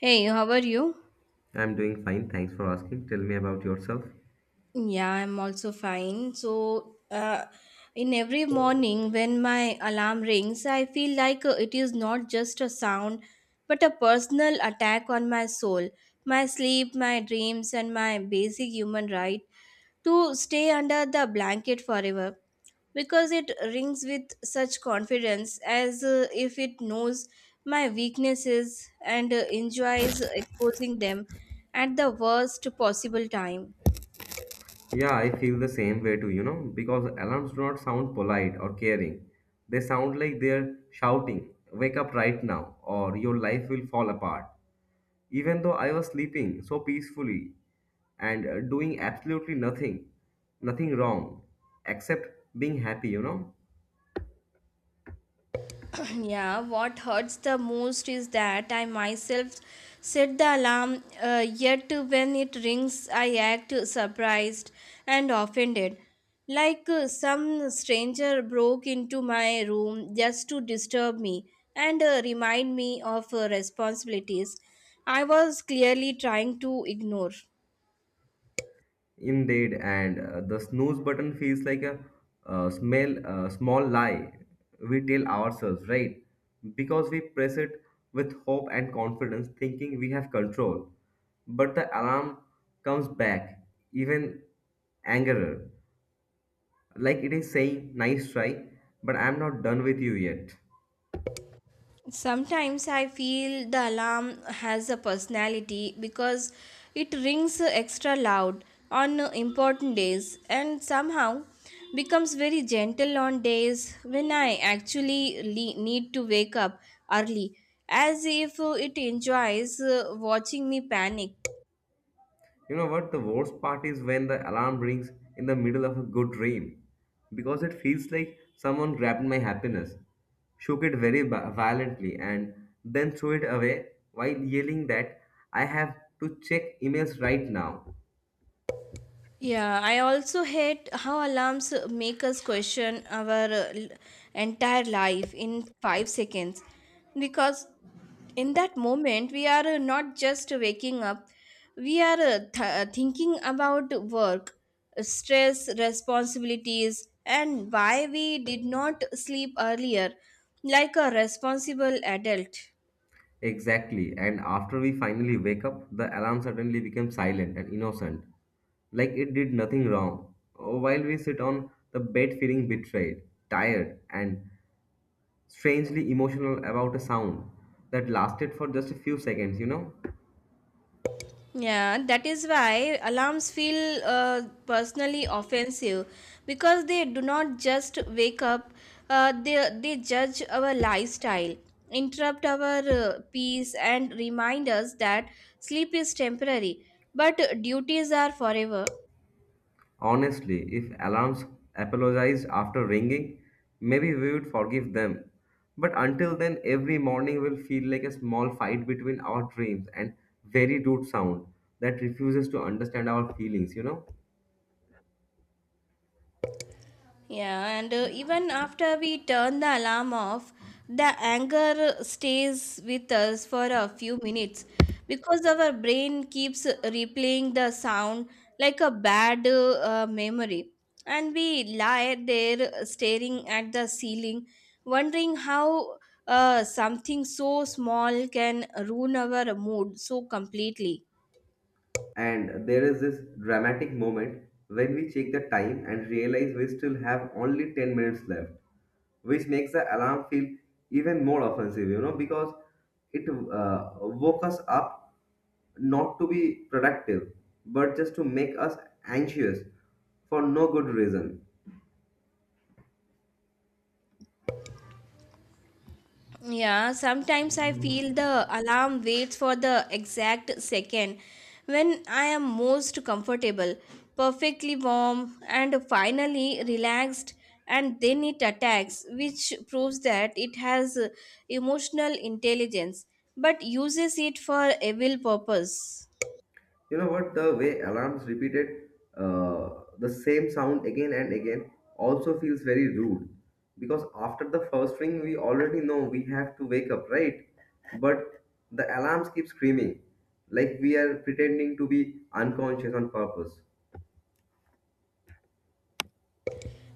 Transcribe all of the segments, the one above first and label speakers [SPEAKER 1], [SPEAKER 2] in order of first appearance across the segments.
[SPEAKER 1] Hey, how are you?
[SPEAKER 2] I'm doing fine. Thanks for asking. Tell me about yourself.
[SPEAKER 1] Yeah, I'm also fine. In every morning when my alarm rings, I feel like it is not just a sound, but a personal attack on my soul, my sleep, my dreams, and my basic human right to stay under the blanket forever. Because it rings with such confidence as if it knows my weaknesses and enjoys exposing them at the worst possible time.
[SPEAKER 2] Yeah, I feel the same way too, you know, because alarms do not sound polite or caring. They sound like they're shouting, Wake up right now, or your life will fall apart. Even though I was sleeping so peacefully and doing absolutely nothing, nothing wrong, except being happy, you know.
[SPEAKER 1] Yeah, what hurts the most is that I myself set the alarm, yet when it rings I act surprised and offended like, some stranger broke into my room just to disturb me and, remind me of responsibilities I was clearly trying to ignore.
[SPEAKER 2] Indeed, and the snooze button feels like a small lie we tell ourselves, right? Because we press it with hope and confidence, thinking we have control. But the alarm comes back, even angrier, like it is saying, "Nice try, but I'm not done with you yet."
[SPEAKER 1] Sometimes I feel the alarm has a personality because it rings extra loud on important days and somehow becomes very gentle on days when I actually need to wake up early, as if it enjoys watching me panic.
[SPEAKER 2] You know what? The worst part is when the alarm rings in the middle of a good dream because it feels like someone grabbed my happiness, shook it violently, and then threw it away while yelling that I have to check emails right now.
[SPEAKER 1] Yeah, I also hate how alarms make us question our entire life in 5 seconds because in that moment we are not just waking up, we are thinking about work, stress, responsibilities, and why we did not sleep earlier like a responsible adult.
[SPEAKER 2] Exactly. And after we finally wake up, the alarm suddenly becomes silent and innocent, like it did nothing wrong. While we sit on the bed feeling betrayed, tired, and strangely emotional about a sound that lasted for just a few seconds, you know?
[SPEAKER 1] Yeah, that is why alarms feel personally offensive because they do not just wake up, they judge our lifestyle, interrupt our peace, and remind us that sleep is temporary, but duties are forever.
[SPEAKER 2] Honestly, if alarms apologized after ringing, maybe we would forgive them. But until then, every morning will feel like a small fight between our dreams and very rude sound that refuses to understand our feelings, you know?
[SPEAKER 1] Yeah, and even after we turn the alarm off, the anger stays with us for a few minutes because our brain keeps replaying the sound like a bad memory. And we lie there staring at the ceiling, wondering how something so small can ruin our mood so completely.
[SPEAKER 2] And there is this dramatic moment when we check the time and realize we still have only 10 minutes left, which makes the alarm feel even more offensive, you know, because it woke us up not to be productive, but just to make us anxious for no good reason.
[SPEAKER 1] Yeah, sometimes I feel the alarm waits for the exact second when I am most comfortable, perfectly warm, and finally relaxed, and then it attacks, which proves that it has emotional intelligence but uses it for evil purpose.
[SPEAKER 2] You know what? The way alarms repeated uh, the same sound again and again also feels very rude because after the first ring, we already know we have to wake up, right? But the alarms keep screaming like we are pretending to be unconscious on purpose.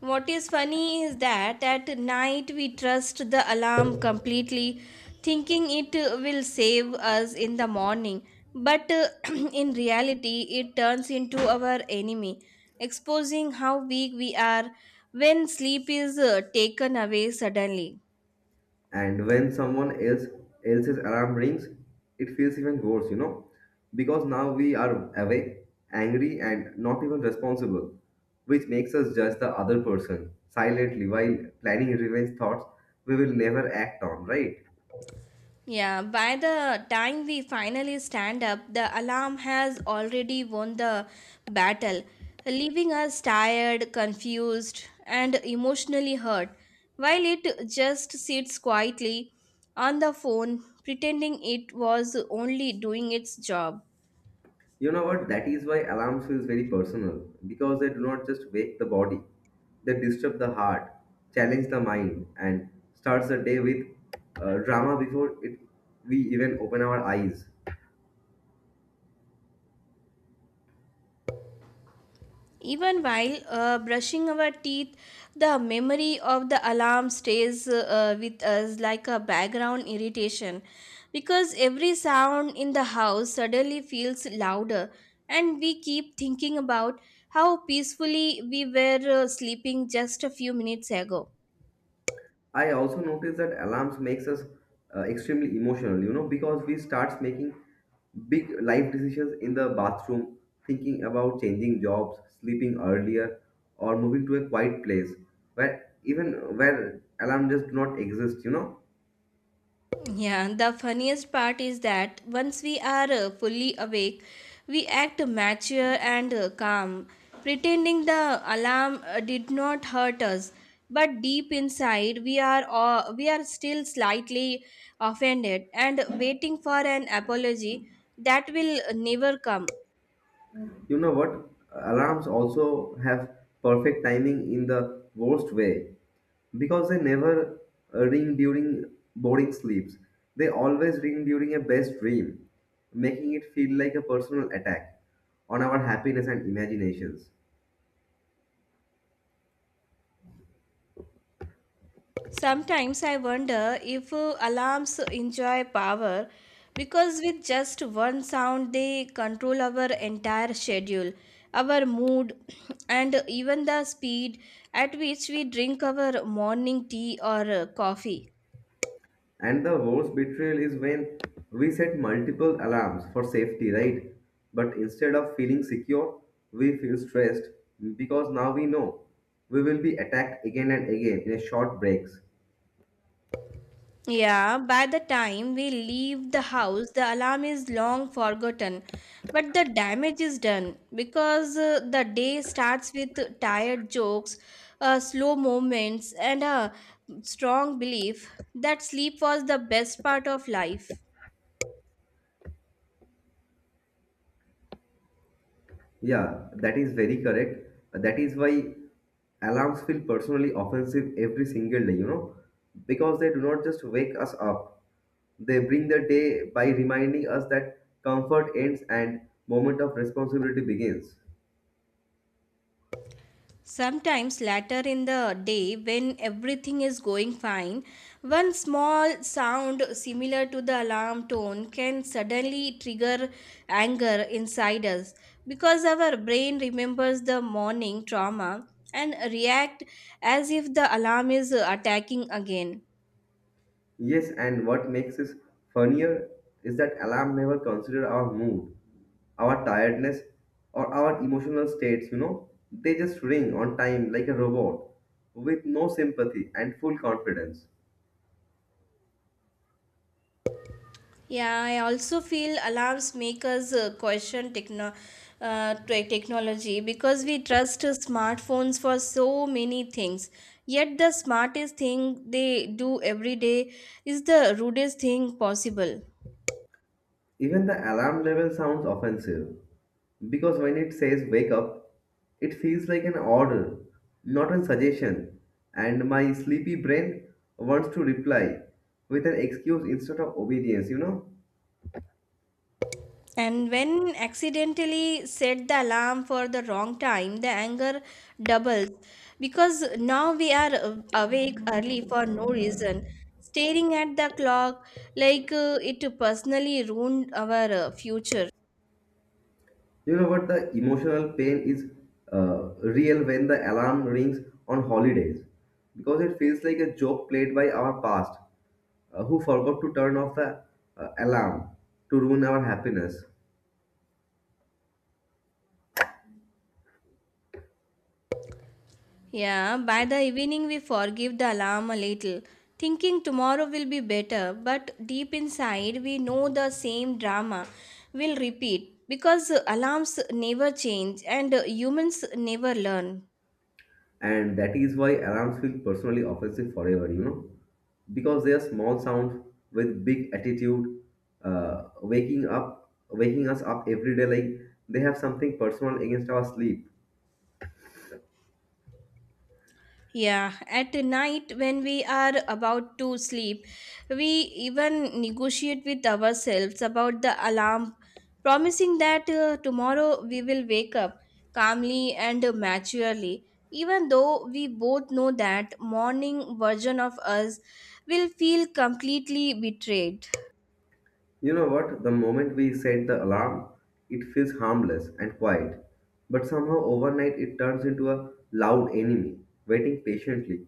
[SPEAKER 1] What is funny is that at night we trust the alarm completely, thinking it will save us in the morning. But in reality, it turns into our enemy, exposing how weak we are when sleep is taken away suddenly.
[SPEAKER 2] And when someone else's alarm rings, it feels even worse, you know, because now we are awake, angry, and not even responsible, which makes us judge the other person silently while planning revenge thoughts we will never act on, right?
[SPEAKER 1] Yeah, by the time we finally stand up, the alarm has already won the battle, leaving us tired, confused, and emotionally hurt, while it just sits quietly on the phone, pretending it was only doing its job.
[SPEAKER 2] You know what? That is why alarms feels very personal because they do not just wake the body, they disturb the heart, challenge the mind, and starts the day with drama before it we even open our eyes.
[SPEAKER 1] Even while brushing our teeth, the memory of the alarm stays with us like a background irritation because every sound in the house suddenly feels louder, and we keep thinking about how peacefully we were sleeping just a few minutes ago.
[SPEAKER 2] I also notice that alarms makes us extremely emotional, you know, because we starts making big life decisions in the bathroom, thinking about changing jobs, sleeping earlier, or moving to a quiet place where alarm just do not exist, you know.
[SPEAKER 1] Yeah, the funniest part is that once we are fully awake, we act mature and calm, pretending the alarm did not hurt us. But deep inside, we are still slightly offended and waiting for an apology that will never come.
[SPEAKER 2] You know what? Alarms also have perfect timing in the worst way because they never ring during boring sleeps. They always ring during a best dream, making it feel like a personal attack on our happiness and imaginations.
[SPEAKER 1] Sometimes I wonder if alarms enjoy power because with just one sound they control our entire schedule, our mood, and even the speed at which we drink our morning tea or coffee.
[SPEAKER 2] And the worst betrayal is when we set multiple alarms for safety, right? But instead of feeling secure, we feel stressed because now we know we will be attacked again and again in a short breaks.
[SPEAKER 1] Yeah, by the time we leave the house, the alarm is long forgotten, but the damage is done because the day starts with tired jokes, slow moments, and a strong belief that sleep was the best part of life.
[SPEAKER 2] Yeah, that is very correct. That is why alarms feel personally offensive every single day, you know, because they do not just wake us up, they bring the day by reminding us that comfort ends and moment of responsibility begins.
[SPEAKER 1] Sometimes later in the day, when everything is going fine, one small sound similar to the alarm tone can suddenly trigger anger inside us because our brain remembers the morning trauma and react as if the alarm is attacking again.
[SPEAKER 2] Yes, and what makes this funnier is that alarm never consider our mood, our tiredness, or our emotional states, you know. They just ring on time like a robot with no sympathy and full confidence.
[SPEAKER 1] Yeah, I also feel alarms make us question technology because we trust smartphones for so many things. Yet the smartest thing they do every day is the rudest thing possible.
[SPEAKER 2] Even the alarm level sounds offensive because when it says wake up, it feels like an order, not a suggestion, and my sleepy brain wants to reply with an excuse instead of obedience, you know?
[SPEAKER 1] And when accidentally set the alarm for the wrong time, the anger doubles because now we are awake early for no reason, staring at the clock like, it personally ruined our future.
[SPEAKER 2] You know what? The emotional pain is real when the alarm rings on holidays because it feels like a joke played by our past who forgot to turn off the alarm to ruin our happiness.
[SPEAKER 1] Yeah, by the evening we forgive the alarm a little, thinking tomorrow will be better, but deep inside we know the same drama will repeat because alarms never change and humans never learn.
[SPEAKER 2] And that is why alarms feel personally offensive forever, you know, because they are small sound with big attitude, waking us up every day like they have something personal against our sleep.
[SPEAKER 1] Yeah, at night when we are about to sleep, we even negotiate with ourselves about the alarm, promising that tomorrow we will wake up calmly and maturely, even though we both know that morning version of us will feel completely betrayed.
[SPEAKER 2] You know what? The moment we set the alarm, it feels harmless and quiet, but somehow overnight it turns into a loud enemy waiting patiently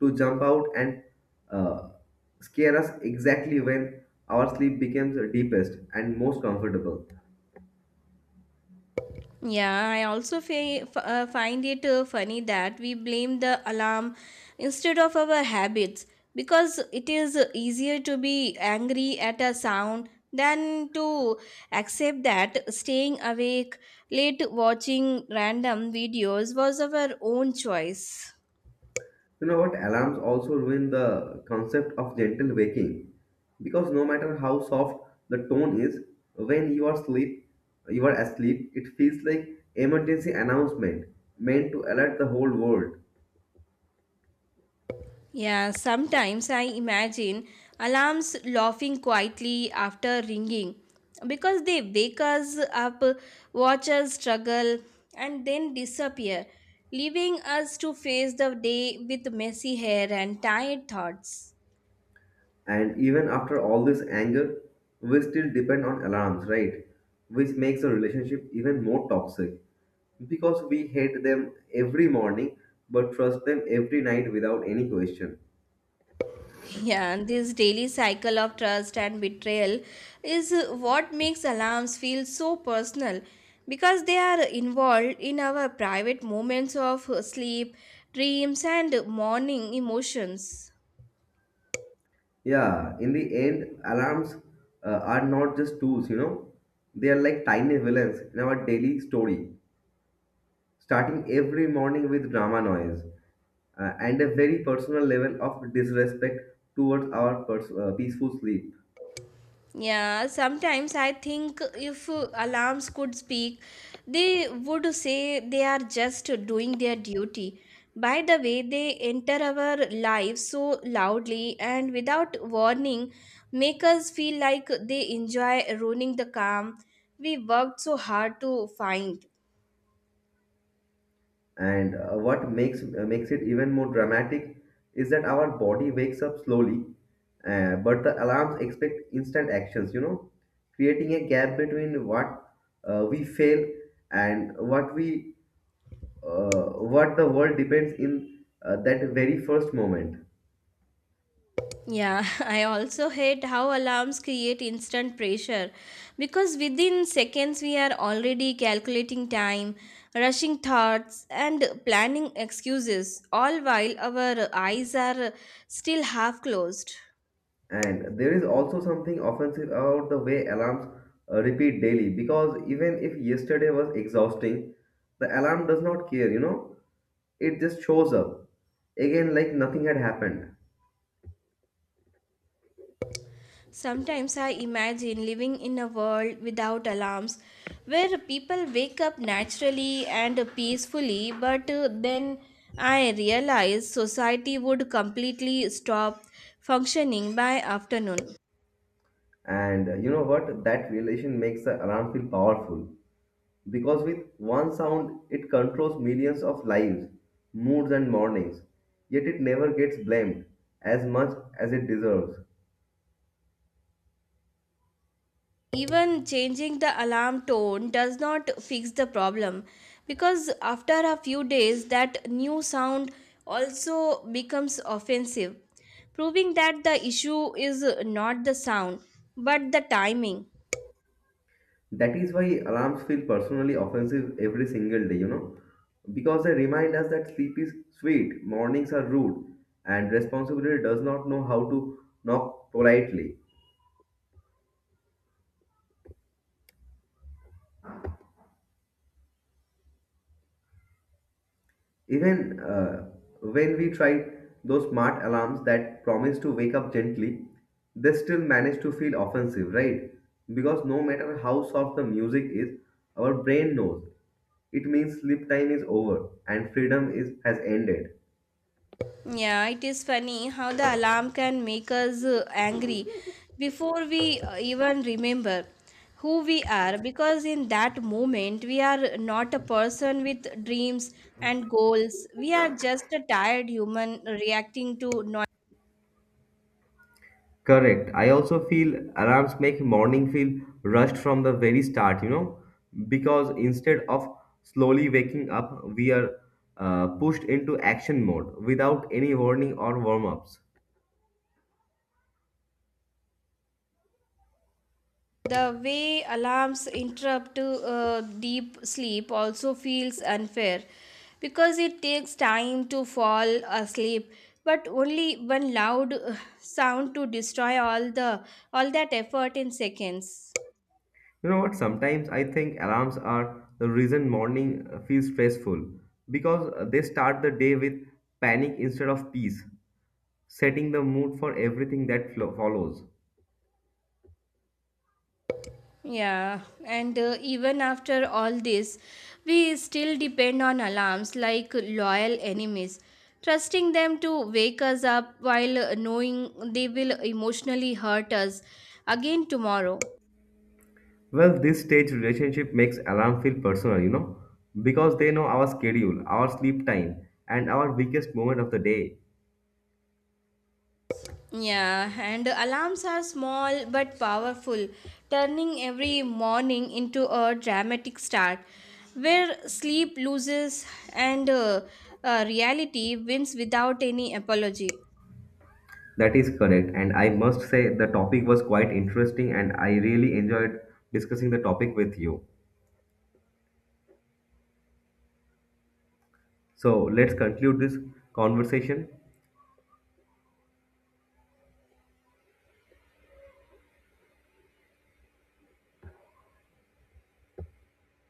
[SPEAKER 2] to jump out and uh, scare us exactly when our sleep becomes deepest and most comfortable.
[SPEAKER 1] Yeah, I also find it funny that we blame the alarm instead of our habits because it is easier to be angry at a sound than to accept that staying awake late watching random videos was our own choice.
[SPEAKER 2] You know what? Alarms also ruin the concept of gentle waking because no matter how soft the tone is, when you are sleep, you are asleep, it feels like emergency announcement meant to alert the whole world.
[SPEAKER 1] Yeah, sometimes I imagine alarms laughing quietly after ringing because they wake us up, watch us struggle, and then disappear, leaving us to face the day with messy hair and tired thoughts.
[SPEAKER 2] And even after all this anger, we still depend on alarms, right? Which makes a relationship even more toxic because we hate them every morning but trust them every night without any question.
[SPEAKER 1] Yeah, and this daily cycle of trust and betrayal is what makes alarms feel so personal because they are involved in our private moments of sleep, dreams, and morning emotions.
[SPEAKER 2] Yeah, in the end, alarms are not just tools, you know, they are like tiny villains in our daily story, starting every morning with drama noise and a very personal level of disrespect towards our peaceful sleep.
[SPEAKER 1] Yeah, sometimes I think if alarms could speak, they would say they are just doing their duty. By the way, they enter our lives so loudly and without warning, make us feel like they enjoy ruining the calm we worked so hard to find.
[SPEAKER 2] And what makes it even more dramatic is that our body wakes up slowly, but the alarms expect instant actions, you know, creating a gap between what we fail and what we uh, what the world depends in that very first moment.
[SPEAKER 1] Yeah, I also hate how alarms create instant pressure because within seconds we are already calculating time, rushing thoughts, and planning excuses, all while our eyes are still half closed.
[SPEAKER 2] And there is also something offensive about the way alarms repeat daily because even if yesterday was exhausting, the alarm does not care, you know, it just shows up again like nothing had happened.
[SPEAKER 1] Sometimes I imagine living in a world without alarms where people wake up naturally and peacefully, but then I realize society would completely stop functioning by afternoon.
[SPEAKER 2] And you know what? That relation makes the alarm feel powerful. Because with one sound, it controls millions of lives, moods, and mornings, yet it never gets blamed as much as it deserves.
[SPEAKER 1] Even changing the alarm tone does not fix the problem because after a few days, that new sound also becomes offensive, proving that the issue is not the sound but the timing.
[SPEAKER 2] That is why alarms feel personally offensive every single day, you know, because they remind us that sleep is sweet, mornings are rude, and responsibility does not know how to knock politely. Even when we try those smart alarms that promise to wake up gently, they still manage to feel offensive, right? Because no matter how soft the music is, our brain knows it means sleep time is over and freedom is has ended.
[SPEAKER 1] Yeah, it is funny how the alarm can make us angry before we even remember who we are because in that moment we are not a person with dreams and goals. We are just a tired human reacting to noise.
[SPEAKER 2] Correct. I also feel alarms make morning feel rushed from the very start, you know, because instead of slowly waking up, we are pushed into action mode without any warning or warm ups.
[SPEAKER 1] The way alarms interrupt deep sleep also feels unfair because it takes time to fall asleep but only one loud sound to destroy all that effort in seconds.
[SPEAKER 2] You know what? Sometimes I think alarms are the reason morning feels stressful because they start the day with panic instead of peace, setting the mood for everything that follows.
[SPEAKER 1] Yeah, and even after all this we still depend on alarms like loyal enemies, trusting them to wake us up while knowing they will emotionally hurt us again tomorrow.
[SPEAKER 2] Well, this stage relationship makes alarm feel personal, you know, because they know our schedule, our sleep time, and our weakest moment of the day.
[SPEAKER 1] Yeah, and alarms are small but powerful, turning every morning into a dramatic start where sleep loses and reality wins without any apology.
[SPEAKER 2] That is correct, and I must say the topic was quite interesting, and I really enjoyed discussing the topic with you. So let's conclude this conversation.